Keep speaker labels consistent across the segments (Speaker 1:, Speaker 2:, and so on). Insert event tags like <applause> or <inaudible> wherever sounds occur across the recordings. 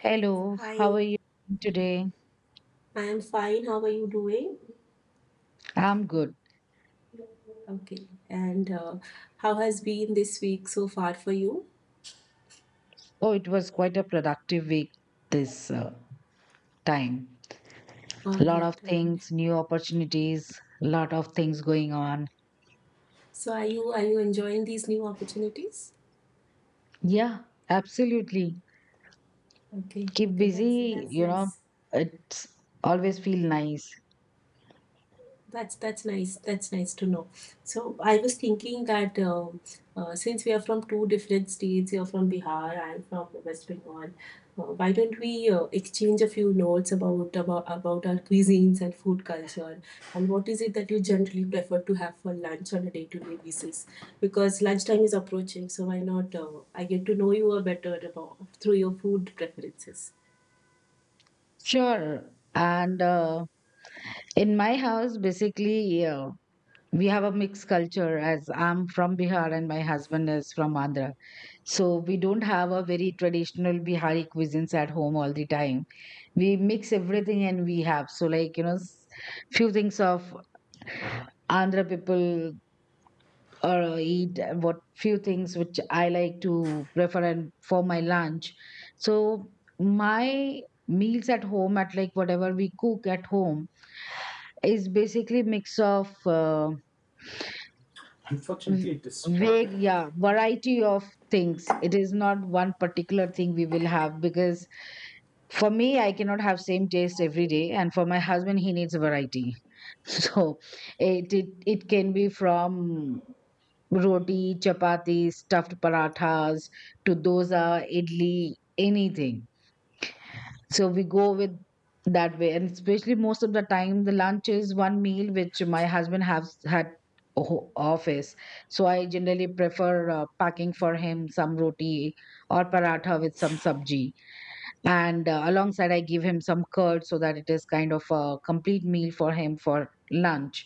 Speaker 1: Hello, how
Speaker 2: Hi,
Speaker 1: are you doing today?
Speaker 2: I am fine. How are you doing?
Speaker 1: I'm good.
Speaker 2: Okay. And how has been this week so far for you?
Speaker 1: Oh, it was quite a productive week this time. A
Speaker 2: All
Speaker 1: lot of
Speaker 2: right, all right.
Speaker 1: things, new opportunities, a lot of things going on.
Speaker 2: So are you enjoying these new opportunities?
Speaker 1: Yeah, absolutely.
Speaker 2: Okay,
Speaker 1: Keep
Speaker 2: okay, that's
Speaker 1: busy,
Speaker 2: that's nice.
Speaker 1: it's always feel nice.
Speaker 2: That's nice. That's nice to know. So I was thinking that since we are from two different states, you're from Bihar, I'm from West Bengal. Why don't we exchange a few notes about our cuisines and food culture, and what is it that you generally prefer to have for lunch on a day-to-day basis? Because lunchtime is approaching, so why not? I get to know you a better about, through your food preferences.
Speaker 1: Sure. And in my house, basically, we have a mixed culture as I'm from Bihar and my husband is from Andhra. So we don't have a very traditional Bihari cuisines at home all the time. We mix everything and we have. So like, few things of Andhra people eat, and what few things which I like to prefer and for my lunch. So my meals at home at like whatever we cook at home is basically mix of v- vague, yeah, variety of things. It is not one particular thing we will have, because for me I cannot have same taste every day, and for my husband he needs variety. <laughs> So it can be from roti, chapati, stuffed parathas to dosa, idli, anything. So we go with that way. And especially most of the time, the lunch is one meal which my husband has had office. So I generally prefer packing for him some roti or paratha with some sabji. And alongside, I give him some curd so that it is kind of a complete meal for him for lunch.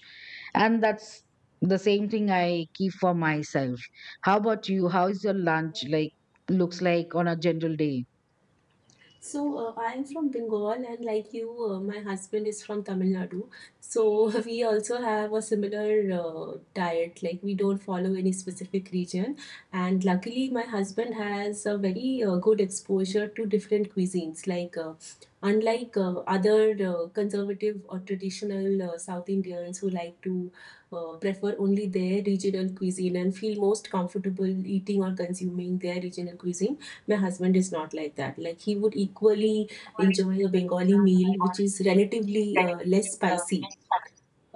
Speaker 1: And that's the same thing I keep for myself. How about you? How is your lunch like? Looks like on a general day.
Speaker 2: So I am from Bengal, and like you, my husband is from Tamil Nadu. So <laughs> we also have a similar diet. Like we don't follow any specific region, and luckily my husband has a very good exposure to different cuisines. Like unlike other conservative or traditional South Indians who like to prefer only their regional cuisine and feel most comfortable eating or consuming their regional cuisine. My husband is not like that. Like he would equally enjoy a bengali meal which is relatively less spicy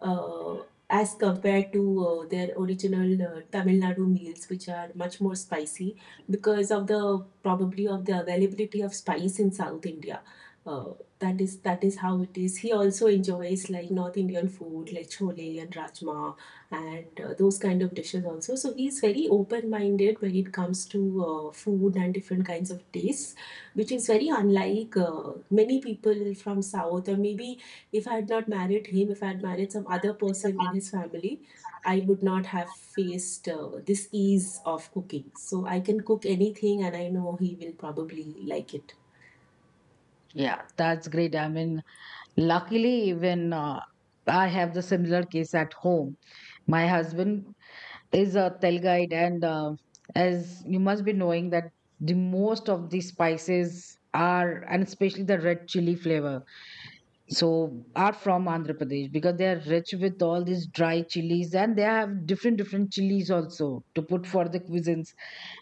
Speaker 2: uh, as compared to their original Tamil Nadu meals, which are much more spicy because of the probably of the availability of spice in South India. Uh, that is how it is. He also enjoys like North Indian food, like chole and rajma, and those kind of dishes also. So he's very open-minded when it comes to food and different kinds of tastes, which is very unlike many people from South, or maybe if I had not married him, if I had married some other person in his family, I would not have faced this ease of cooking. So I can cook anything and I know he will probably like it.
Speaker 1: Yeah. That's great. I mean, luckily, even I have the similar case at home. My husband is a Tel guide, and as you must be knowing that the most of the spices are, and especially the red chili flavor, so are from Andhra Pradesh, because they are rich with all these dry chilies, and they have different different chilies also to put for the cuisines,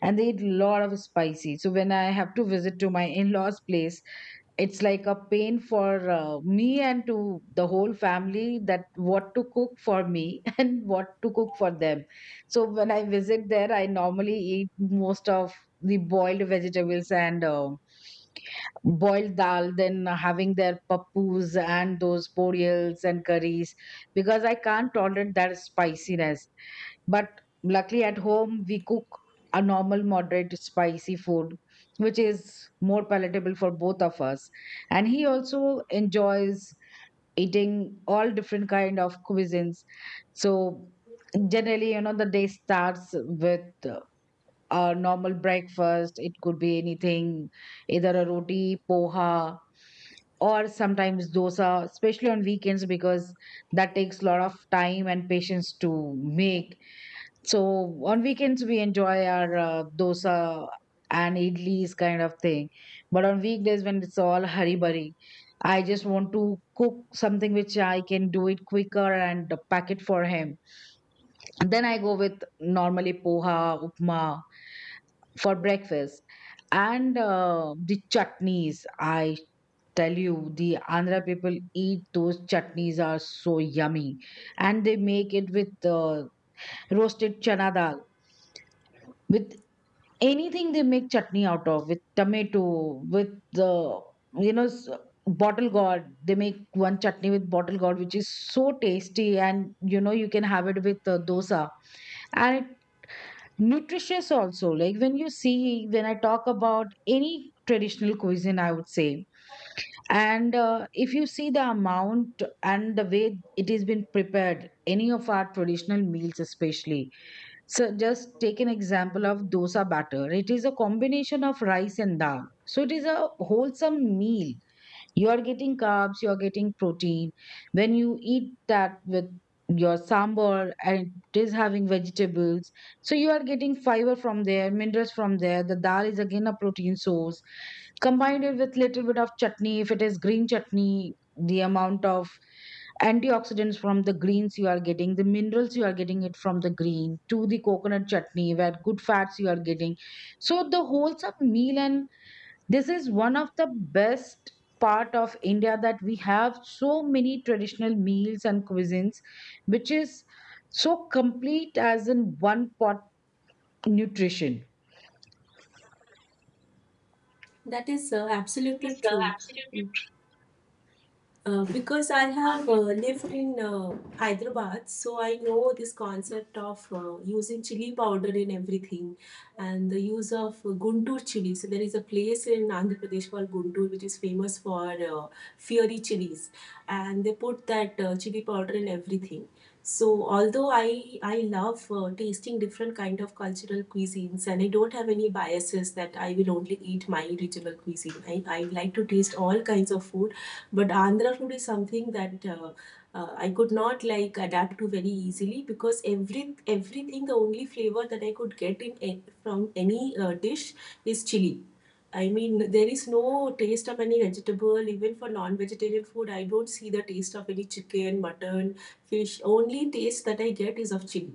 Speaker 1: and they eat a lot of spicy. So when I have to visit to my in-laws' place, it's like a pain for me and to the whole family that what to cook for me <laughs> and what to cook for them. So when I visit there, I normally eat most of the boiled vegetables and boiled dal, then having their pappus and those porridges and curries, because I can't tolerate that spiciness. But luckily at home, we cook a normal, moderate, spicy food, which is more palatable for both of us. And he also enjoys eating all different kind of cuisines. So generally, the day starts with uh, a normal breakfast. It could be anything, either a roti, poha, or sometimes dosa, especially on weekends, because that takes a lot of time and patience to make. So on weekends we enjoy our dosa and idlis kind of thing, but on weekdays when it's all hurry burry, I just want to cook something which I can do it quicker and pack it for him. And then I go with normally poha, upma for breakfast, and the chutneys. I tell you, the Andhra people eat those chutneys are so yummy, and they make it with roasted chana dal with anything. They make chutney out of with tomato, with the you know s- bottle gourd. They make one chutney with bottle gourd which is so tasty, and you know you can have it with dosa, and it nutritious also. Like when you see when I talk about any traditional cuisine, I would say, and if you see the amount and the way it has been prepared any of our traditional meals, especially, so just take an example of dosa batter. It is a combination of rice and dal. So it is a wholesome meal. You are getting carbs, you are getting protein. When you eat that with your sambar and it is having vegetables, so you are getting fiber from there, minerals from there. The dal is again a protein source. Combined it with little bit of chutney, if it is green chutney, the amount of antioxidants from the greens you are getting, the minerals you are getting it from the green, to the coconut chutney where good fats you are getting. So the wholesome meal, and this is one of the best part of India, that we have so many traditional meals and cuisines which is so complete, as in one pot nutrition.
Speaker 2: That is absolutely true. Because I have lived in Hyderabad, so I know this concept of using chili powder in everything and the use of Guntur chili. So, there is a place in Andhra Pradesh called Guntur which is famous for fiery chilies, and they put that chili powder in everything. So, although I love tasting different kind of cultural cuisines and I don't have any biases that I will only eat my regional cuisine. I like to taste all kinds of food, but Andhra food is something that I could not like adapt to very easily, because every everything the only flavor that I could get in from any dish is chili. I mean, there is no taste of any vegetable, even for non vegetarian food. I don't see the taste of any chicken, mutton, fish. Only taste that I get is of chili.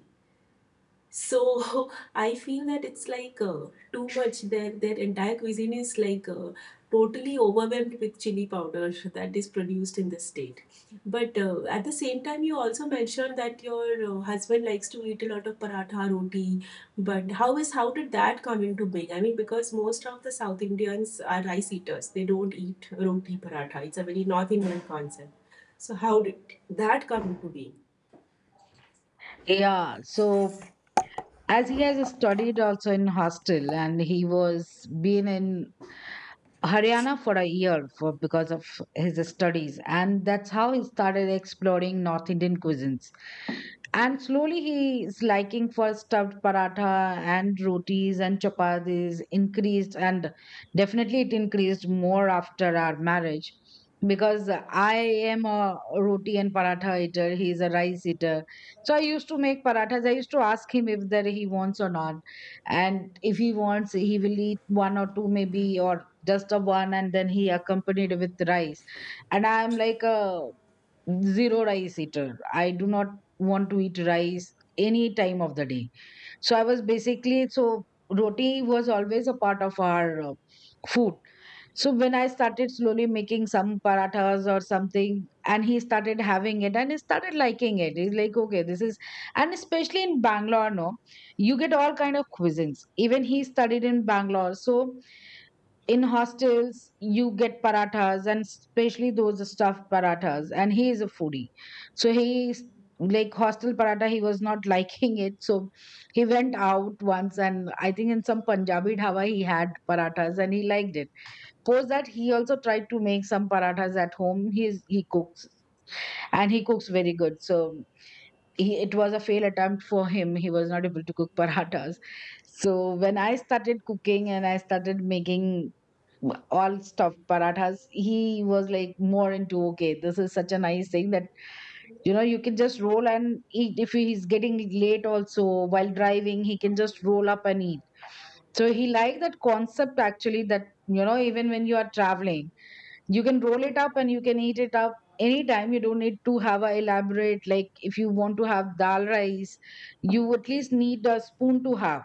Speaker 2: So <laughs> I feel that it's like too much. Their entire cuisine is like totally overwhelmed with chili powder <laughs> that is produced in the state. But at the same time, you also mentioned that your husband likes to eat a lot of paratha roti. But how did that come into being? I mean, because most of the South Indians are rice eaters. They don't eat roti paratha. It's a very North Indian concept. So how did that come into being?
Speaker 1: Yeah, so as he has studied also in hostel, and he was been in Haryana for a year for because of his studies, and that's how he started exploring North Indian cuisines. And slowly he is liking for stuffed paratha and rotis and chapatis increased, and definitely it increased more after our marriage, because I am a roti and paratha eater. He is a rice eater. So I used to make parathas. I used to ask him if there he wants or not. And if he wants, he will eat one or two maybe, or just a one, and then he accompanied with rice. And I'm like a zero rice eater. I do not want to eat rice any time of the day. So I was basically, so roti was always a part of our food. So when I started slowly making some parathas or something, and he started having it, and he started liking it. He's like, okay, this is, and especially in Bangalore, no, you get all kind of cuisines. Even he studied in Bangalore, so in hostels you get parathas, and especially those stuffed parathas, and he is a foodie. So like hostel paratha he was not <laughs> liking it. So he went out once, and I think in some Punjabi dhaba he had parathas and he liked it. Post that, he also tried to make some parathas at home. He's he cooks, and he cooks very good. So it was a fail attempt for him. He was not able to cook <laughs> parathas. So when I started cooking and I started making all stuffed parathas, he was like more into okay, this is such a nice thing, that you can just roll and eat. If he's getting late also, while driving he can just roll up and eat. So he liked that concept actually, that even when you are traveling you can roll it up and you can eat it up anytime. You don't need to have a elaborate, like if you want to have dal rice, you at least need a spoon to have,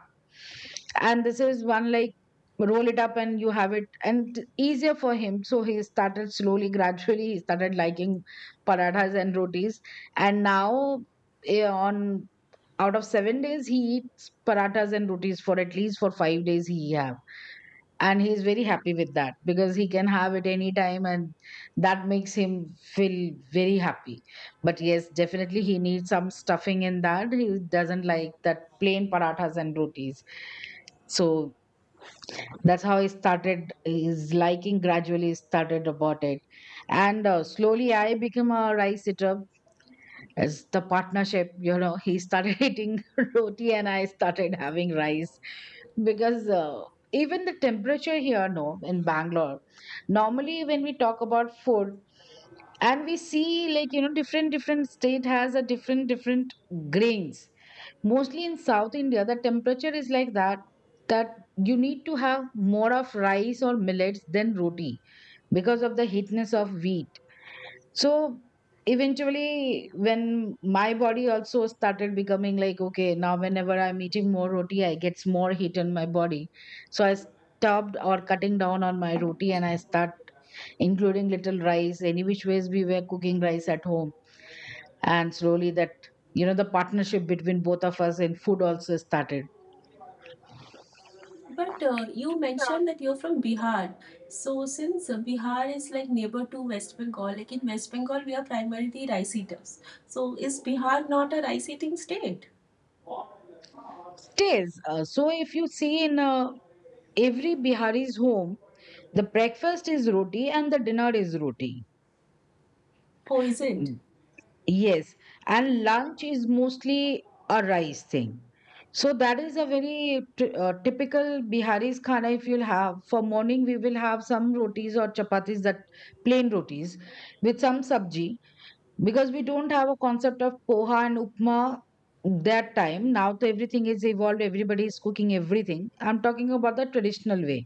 Speaker 1: and this is one like roll it up and you have it, and easier for him. So he started slowly, gradually he started liking parathas and rotis, and now on out of 7 days he eats parathas and rotis for at least for 5 days he have, and he's very happy with that, because he can have it anytime, and that makes him feel very happy. But yes, definitely he needs some stuffing in that. He doesn't like that plain parathas and rotis. So that's how he started his liking, gradually started about it. And slowly I became a rice eater. As the partnership, he started <laughs> eating roti and I started having rice. Because even the temperature here, no, in Bangalore, normally when we talk about food, and we see like different different state has a different different grains, mostly in South India the temperature is like that, that you need to have more of rice or millets than roti, because of the heatness of wheat. So eventually, when my body also started becoming like, okay, now whenever I'm eating more roti, I gets more heat in my body. So I stopped or cutting down on my roti and I start including little rice. Any which ways we were cooking rice at home. And slowly that, the partnership between both of us in food also started.
Speaker 2: But you mentioned that you're from Bihar. So since Bihar is like neighbor to West Bengal, like in West Bengal we are primarily rice eaters. So is Bihar not a rice eating state?
Speaker 1: Stays. So if you see in every Bihari's home, the breakfast is roti and the dinner is roti.
Speaker 2: Oh, is it?
Speaker 1: Yes, and lunch is mostly a rice thing. So that is a very typical Bihari's khana if you'll have. For morning, we will have some rotis or chapatis, that plain rotis, with some sabji, because we don't have a concept of poha and upma that time. Now, to everything is evolved. Everybody is cooking everything. I'm talking about the traditional way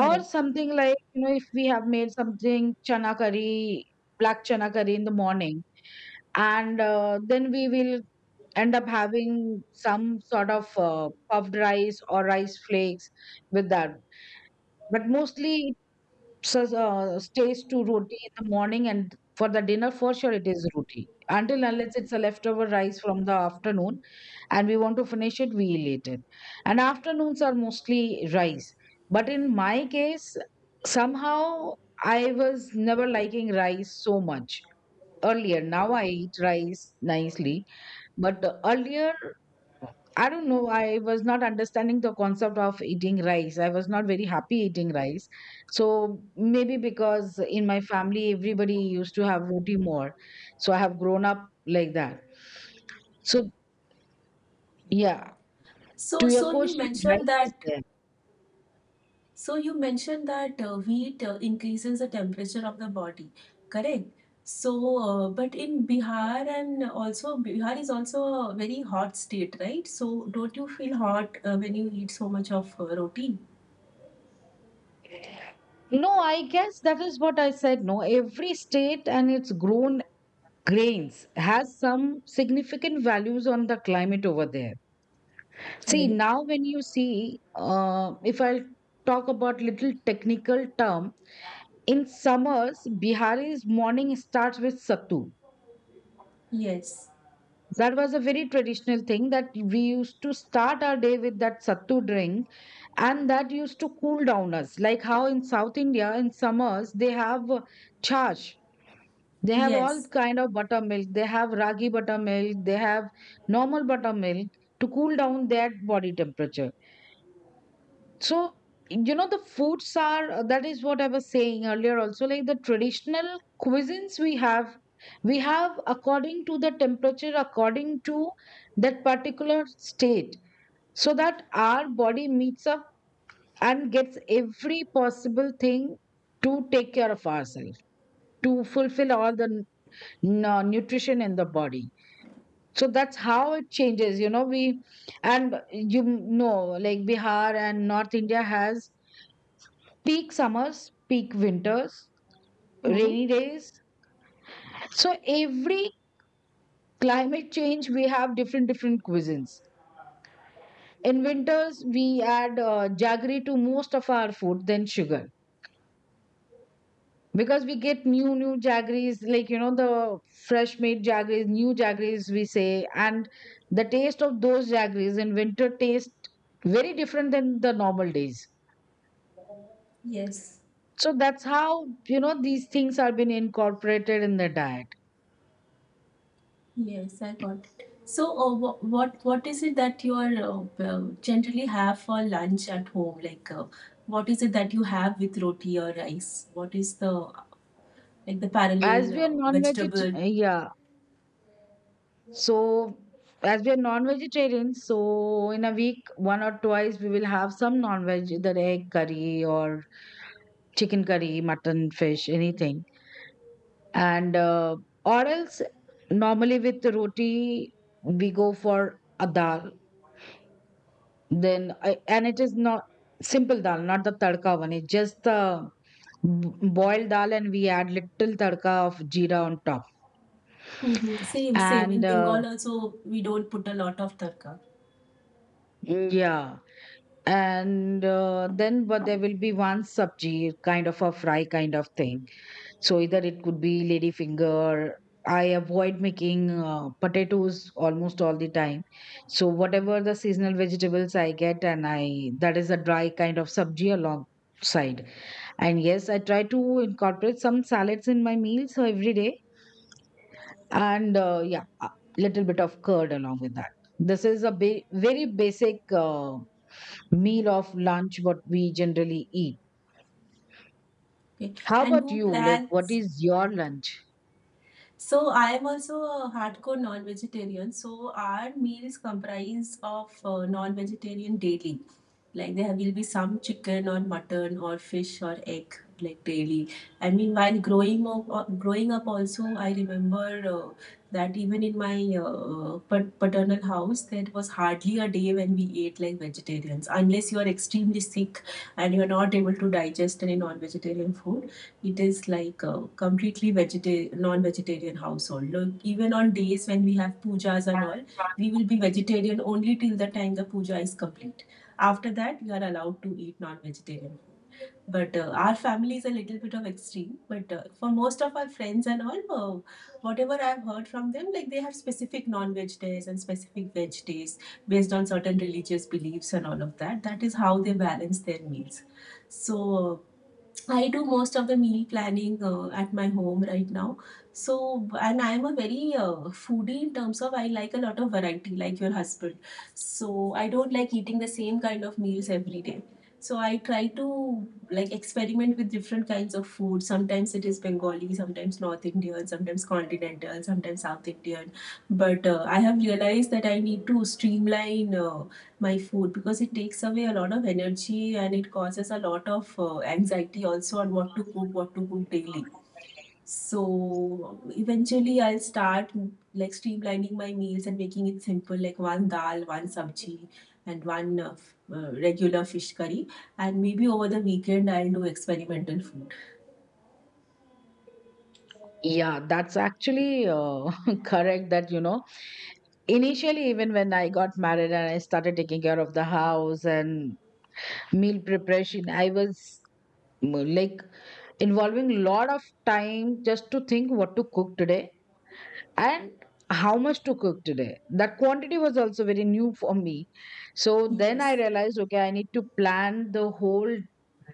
Speaker 1: or something like, you know, if we have made something chana curry, black chana curry in the morning, and then we will end up having some sort of puffed rice or rice flakes with that. But mostly it stays to roti in the morning, and for the dinner for sure it is roti until unless it's a leftover rice from the afternoon and we want to finish it, we eat it. And afternoons are mostly rice. But in my case, somehow I was never liking rice so much earlier. Now I eat rice nicely, but earlier, I don't know, I was not understanding the concept of eating rice. I was not very happy eating rice. So maybe because in my family, everybody used to have roti more. So I have grown up like that. So, yeah,
Speaker 2: So
Speaker 1: to your
Speaker 2: so you
Speaker 1: question,
Speaker 2: mentioned
Speaker 1: rice is
Speaker 2: that
Speaker 1: there.
Speaker 2: so you mentioned that wheat increases the temperature of the body. Correct. So but in Bihar, and also Bihar is also a very hot state, right? So don't you feel hot when you eat so much of roti?
Speaker 1: No, I guess that is what I said. No, every state and its grown grains has some significant values on the climate over there. See,
Speaker 2: Correct.
Speaker 1: now when you see, if I'll talk about little technical term, in summers, Bihari's morning starts with sattu.
Speaker 2: Yes,
Speaker 1: That was a very traditional thing that we used to start our day with, that sattu drink, and that used to cool down us. Like how in South India, in summers, they have chash. They have all
Speaker 2: yes,
Speaker 1: kind of buttermilk. They have ragi buttermilk. They have normal buttermilk to cool down their body temperature. So, you know, the foods are, that is what I was saying earlier also, like the traditional cuisines we have according to the temperature, according to that particular state, so that our body meets up and gets every possible thing to take care of ourselves, to fulfill all the nutrition in the body. So that's how it changes, you know. We, and you know, like Bihar and North India has peak summers, peak winters,
Speaker 2: hmm,
Speaker 1: rainy days. So every climate change, we have different different cuisines. In winters, we add jaggery to most of our food than sugar, because we get new new jaggeries, like, you know, the fresh made jaggeries, new jaggeries we say, and the taste of those jaggeries in winter taste very different than the normal days.
Speaker 2: yes,
Speaker 1: So that's how, you know, these things are being incorporated in the diet.
Speaker 2: yes. I got it. So, what is it that you are well, generally have for lunch at home? Like, what is it that you have with roti or rice? What is the like the
Speaker 1: As
Speaker 2: parallel
Speaker 1: we are
Speaker 2: vegetable?
Speaker 1: non-vegetarian, yeah. So, as we are non-vegetarians, so in a week, one or twice, we will have some non-veg, either egg curry or chicken curry, mutton, fish, anything. And or else, normally with the roti, we go for a dal. Then, I, and it is not simple dal, not the tadka one. It's just the boiled dal, and we add little tadka of jeera on top.
Speaker 2: Hmm. Same, same. In
Speaker 1: And
Speaker 2: Bengal also, we don't put a lot of tarka.
Speaker 1: yeah, and then but there will be one sabji kind of a fry kind of thing, so either it could be lady finger. I avoid making potatoes almost all the time, so whatever the seasonal vegetables I get, and I, that is a dry kind of sabji alongside. And yes, I try to incorporate some salads in my meals every day, and yeah, a little bit of curd along with that. This is a very basic meal of lunch what we generally eat.
Speaker 2: Okay,
Speaker 1: How
Speaker 2: and
Speaker 1: about
Speaker 2: who
Speaker 1: you? Like, what
Speaker 2: plans.
Speaker 1: is your lunch?
Speaker 2: So I am also a hardcore non-vegetarian. So our meals comprise of non-vegetarian daily. Like there will be some chicken or mutton or fish or egg like daily. I mean, while growing up, also, I remember that even in my paternal house, there was hardly a day when we ate like vegetarians, unless you are extremely sick and you are not able to digest any non-vegetarian food. It is like a completely non-vegetarian household. Look, even on days when we have pujas and all, we will be vegetarian only till the time the puja is complete. After that, we are allowed to eat non-vegetarian. But our family is a little bit of extreme. But for most of our friends and all, whatever I've heard from them, like they have specific non-veg days and specific veg days based on certain religious beliefs and all of that. That is how they balance their meals. So uh, I do most of the meal planning at my home right now. So, and I am a very foodie in terms of I like a lot of variety, like your husband. So, I don't like eating the same kind of meals every day. So, I try to like experiment with different kinds of food. Sometimes it is Bengali, sometimes North Indian, sometimes continental, sometimes South Indian. But I have realized that I need to streamline. My food, because it takes away a lot of energy and it causes a lot of anxiety also on what to cook daily. So eventually, I'll start like streamlining my meals and making it simple, like one dal, one sabji, and one regular fish curry. And maybe over the weekend, I'll do experimental food.
Speaker 1: Yeah, that's actually <laughs> correct that, you know, initially, even when I got married and I started taking care of the house and meal preparation, I was, like, involving a lot of time just to think what to cook today, and how much to cook today, that quantity was also very new for me. So then I
Speaker 2: Yes.
Speaker 1: realized, okay, I need to plan the whole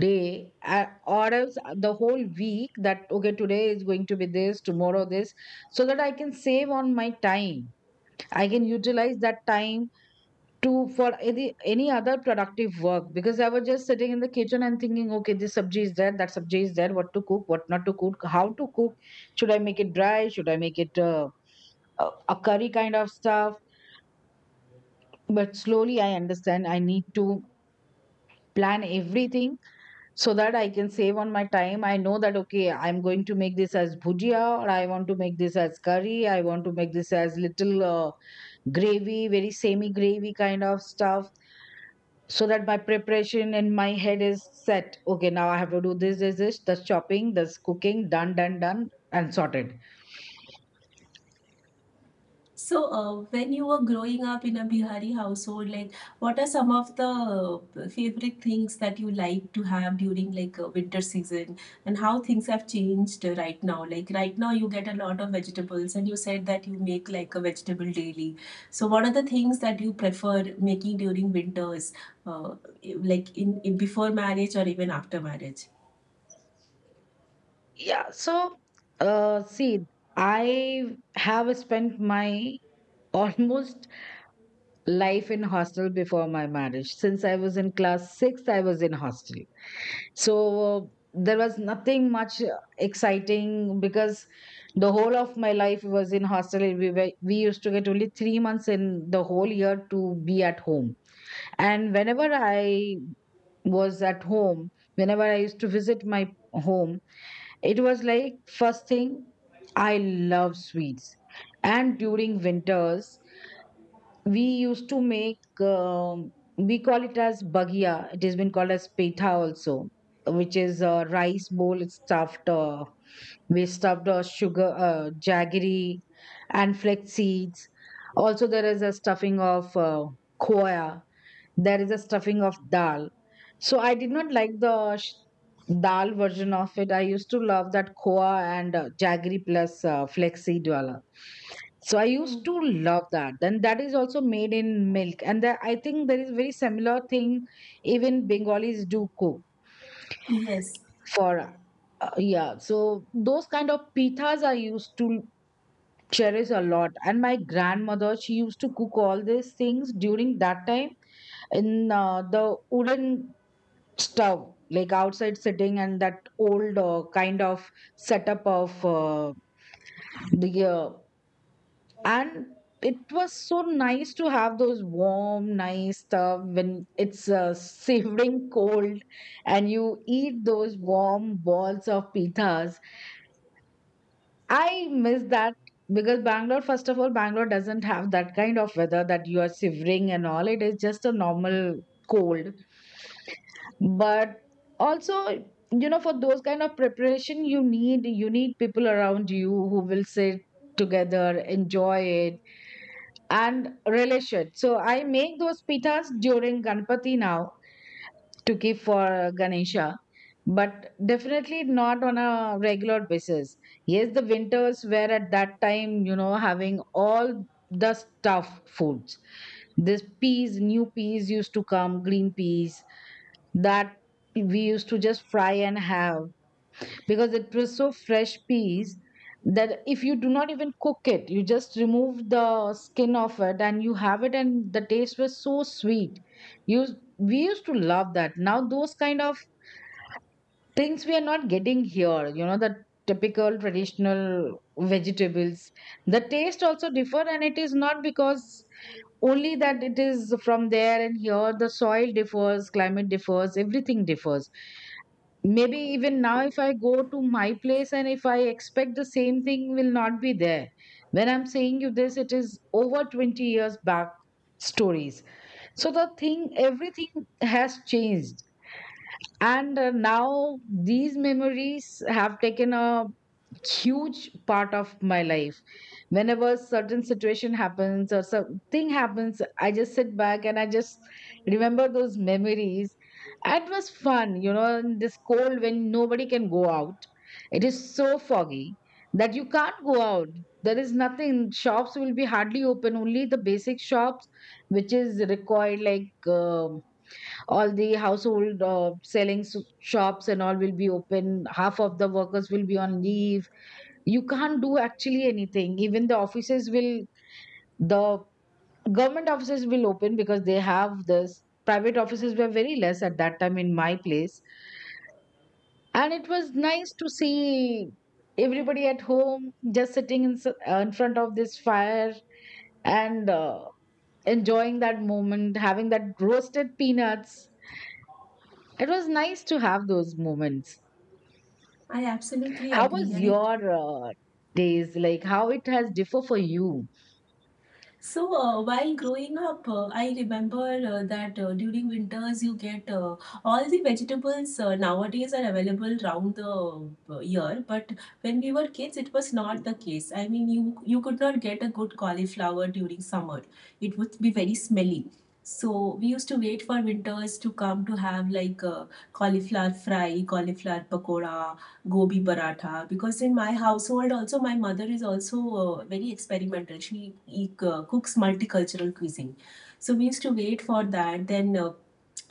Speaker 1: day, or else the whole week, that okay, today is going to be this, tomorrow this, so that I can save on my time. I can utilize that time to, for any other productive work, because I was just sitting in the kitchen and thinking, okay, this sabji is there, that sabji is there, what to cook, what not to cook, how to cook, should I make it dry, should I make it a a curry kind of stuff. But slowly I understand I need to plan everything, so that I can save on my time. I know that, okay, I'm going to make this as bhujia, or I want to make this as curry. I want to make this as little gravy, very semi gravy kind of stuff. So that my preparation in my head is set. Okay, now I have to do this, this, this, the chopping, this cooking, done, done, done, and sorted.
Speaker 2: So, when you were growing up in a Bihari household, like what are some of the favorite things that you like to have during like winter season, and how things have changed right now? Like right now, you get a lot of vegetables, and you said that you make like a vegetable daily. So, what are the things that you prefer making during winters, uh, like in before marriage or even after marriage?
Speaker 1: Yeah. So, see, I have spent my <laughs> almost life in hostel before my marriage. Since I was in class 6, I was in hostel. So there was nothing much exciting, because the whole of my life was in hostel. We used to get only 3 months in the whole year to be at home, and whenever I was at home, whenever I used to visit my home, it was like, first thing, I love sweets. And during winters, we used to make, we call it as bagia, it has been called as petha also, which is a rice bowl. It's stuffed, we stuffed sugar, jaggery and flax seeds. Also there is a stuffing of khoya, there is a stuffing of dal. So I did not like the dal version of it. I used to love that koa and jaggery plus flaxseed wala. So I
Speaker 2: Hmm.
Speaker 1: used to love that. Then that is also made in milk, and that, I think there is very similar thing even Bengalis do cook
Speaker 2: Yes,
Speaker 1: for. Yeah, so those kind of pithas I used to cherish a lot, and my grandmother, she used to cook all these things during that time in the wooden stove, like outside sitting, and that old kind of setup of the and it was so nice to have those warm nice stuff when it's <laughs> shivering cold, and you eat those warm balls of pitas. I miss that, because Bangalore, first of all, Bangalore doesn't have that kind of weather that you are shivering and all. It is just a normal cold. But also, you know, for those kind of preparation, you need people around you who will sit together, enjoy it and relish it. So I make those pitas during Ganpati now, to keep for Ganesha, but definitely not on a regular basis. Yes, the winters were at that time, you know, having all the stuff, foods. This peas, new peas used to come, green peas, that we used to just fry and have, because it was so fresh peas that if you do not even cook it, you just remove the skin of it and you have it, and the taste was so sweet. You We used to love that. Now those kind of things we are not getting here, you know, the typical traditional vegetables, the taste also differ. And it is not because only that it is from there and here, the soil differs, climate differs, everything differs. Maybe even now if I go to my place, and if I expect the same thing, will not be there. When I'm saying you this, it is over 20 years back stories. So the thing, everything has changed. And now these memories have taken a huge part of my life. Whenever certain situation happens or something happens, I just sit back and I just remember those memories. It was fun, you know, in this cold when nobody can go out, it is so foggy that you can't go out. There is nothing, shops will be hardly open, only the basic shops, which is required, like, all the household selling shops and all will be open, half of the workers will be on leave. You can't do actually anything. Even the offices will, the government offices will open, because they have this, private offices were very less at that time in my place. And it was nice to see everybody at home, just sitting in, in front of this fire, and enjoying that moment, having that roasted peanuts. It was nice to have those moments.
Speaker 2: I absolutely
Speaker 1: How
Speaker 2: agree,
Speaker 1: was
Speaker 2: and it.
Speaker 1: your days, like, how it has differ for you?
Speaker 2: So, while growing up, I remember that during winters you get all the vegetables nowadays are available round the year. But when we were kids, it was not the case. I mean, you could not get a good cauliflower during summer. It would be very smelly. So we used to wait for winters to come to have like cauliflower fry, cauliflower pakora, gobi paratha, because in my household also my mother is also very experimental. She cooks multicultural cuisine, so we used to wait for that. Then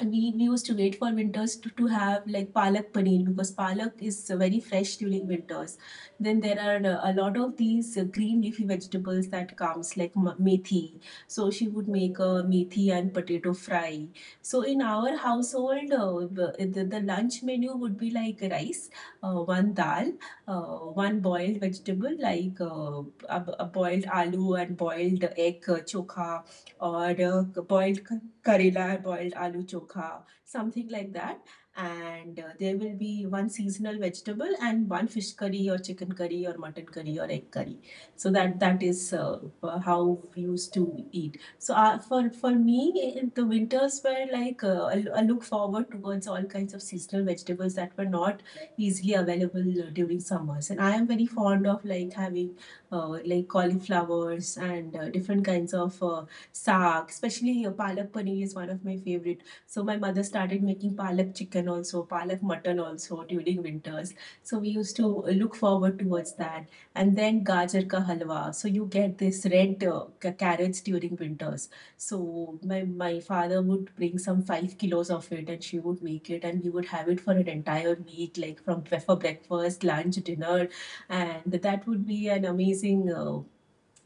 Speaker 2: we used to wait for winters to, have like palak paneer, because palak is very fresh during winters. Then there are a lot of these green leafy vegetables that comes like methi. So she would make a methi and potato fry. So in our household, the lunch menu would be like rice, one dal, uh, one boiled vegetable like a boiled aloo and boiled egg chokha, or boiled karela, boiled aloo chokha, something like that. And there will be one seasonal vegetable and one fish curry or chicken curry or mutton curry or egg curry. So that is how we used to eat. So for me, in the winters were like I look forward towards all kinds of seasonal vegetables that were not easily available during summers. And I am very fond of like having like cauliflowers and different kinds of saag, especially here, palak paneer is one of my favorite. So my mother started making palak chicken also, palak mutton also during winters. So we used to look forward towards that. And then gajar ka halwa. So you get this red carrots during winters. So my father would bring some 5 kilos of it, and she would make it, and we would have it for an entire week, like from for breakfast, lunch, dinner, and that would be an amazing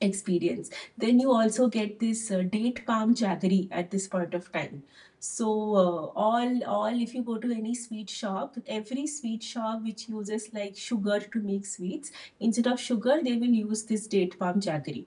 Speaker 2: experience. Then you also get this date palm jaggery at this point of time. So all if you go to any sweet shop, every sweet shop which uses like sugar to make sweets, instead of sugar they will use this date palm jaggery,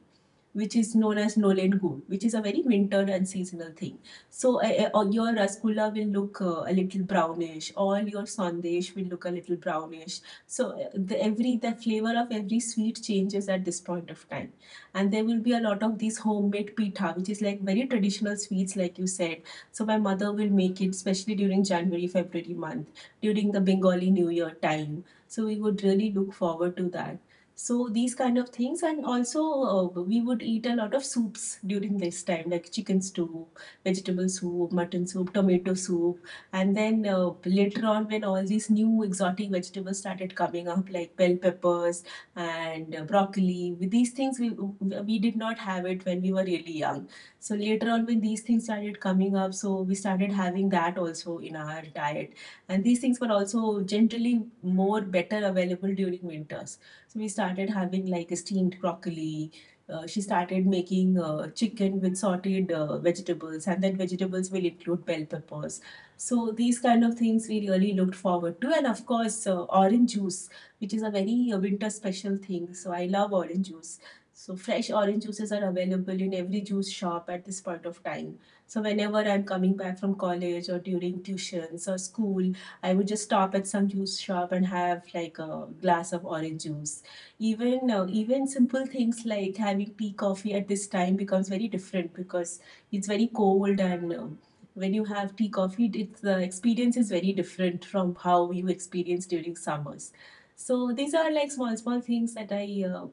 Speaker 2: which is known as Nolen Gold, which is a very winter and seasonal thing. So your rasgulla will look a little brownish, or your sandesh will look a little brownish. So every the flavor of every sweet changes at this point of time, and there will be a lot of these homemade pitha, which is like very traditional sweets, like you said. So my mother will make it, especially during January, February month, during the Bengali New Year time. So we would really look forward to that. So these kind of things, and also we would eat a lot of soups during this time, like chicken soup, vegetable soup, mutton soup, tomato soup, and then later on when all these new exotic vegetables started coming up, like bell peppers and broccoli, with these things we did not have it when we were really young. So later on when these things started coming up, so we started having that also in our diet, and these things were also generally more better available during winters. So we started having like a steamed broccoli. She started making chicken with sautéed vegetables, and then vegetables will include bell peppers. So these kind of things we really looked forward to, and of course orange juice, which is a very winter special thing. So I love orange juice. So fresh orange juices are available in every juice shop at this point of time. So whenever I'm coming back from college or during tuitions or school, I would just stop at some juice shop and have like a glass of orange juice. Even simple things like having tea coffee at this time becomes very different, because it's very cold, and when you have tea coffee it's the experience is very different from how you experience during summers. So these are like small things that I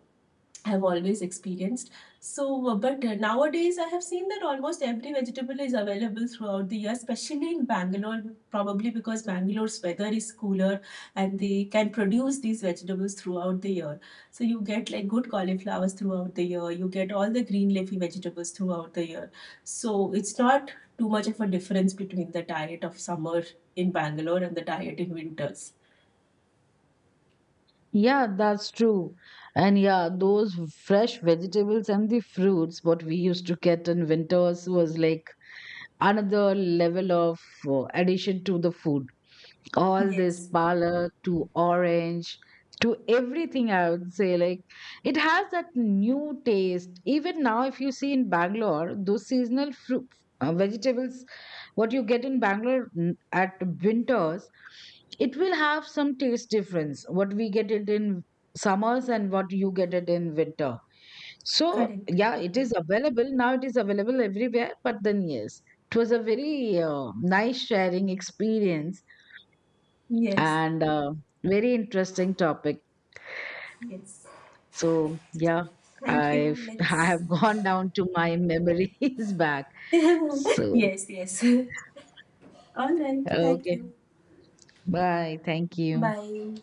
Speaker 2: have always experienced. So, but nowadays I have seen that almost every vegetable is available throughout the year, especially in Bangalore, probably because Bangalore's weather is cooler and they can produce these vegetables throughout the year. So, you get like good cauliflowers throughout the year, you get all the green leafy vegetables throughout the year. So, it's not too much of a difference between the diet of summer in Bangalore and the diet in winters.
Speaker 1: Yeah, that's true. And yeah, those fresh vegetables and the fruits, what we used to get in winters, was like another level of addition to the food, all this
Speaker 2: Yes,
Speaker 1: parlor to orange to everything, I would say, like, it has that new taste. Even now, if you see in Bangalore, those seasonal fruit, vegetables, what you get in Bangalore at winters, it will have some taste difference, what we get it in summers and what you get it in winter. So
Speaker 2: correct.
Speaker 1: yeah, it is available now, it is available everywhere, but then yes, it was a very nice sharing experience,
Speaker 2: Yes,
Speaker 1: and very interesting topic.
Speaker 2: yes.
Speaker 1: So yeah,
Speaker 2: Thank
Speaker 1: I
Speaker 2: you.
Speaker 1: <laughs> I
Speaker 2: Let's
Speaker 1: have gone down to my memories <laughs> back.
Speaker 2: <laughs>
Speaker 1: So
Speaker 2: yes, yes. <laughs> All right. Thank
Speaker 1: okay,
Speaker 2: you.
Speaker 1: bye. Thank you.
Speaker 2: Bye.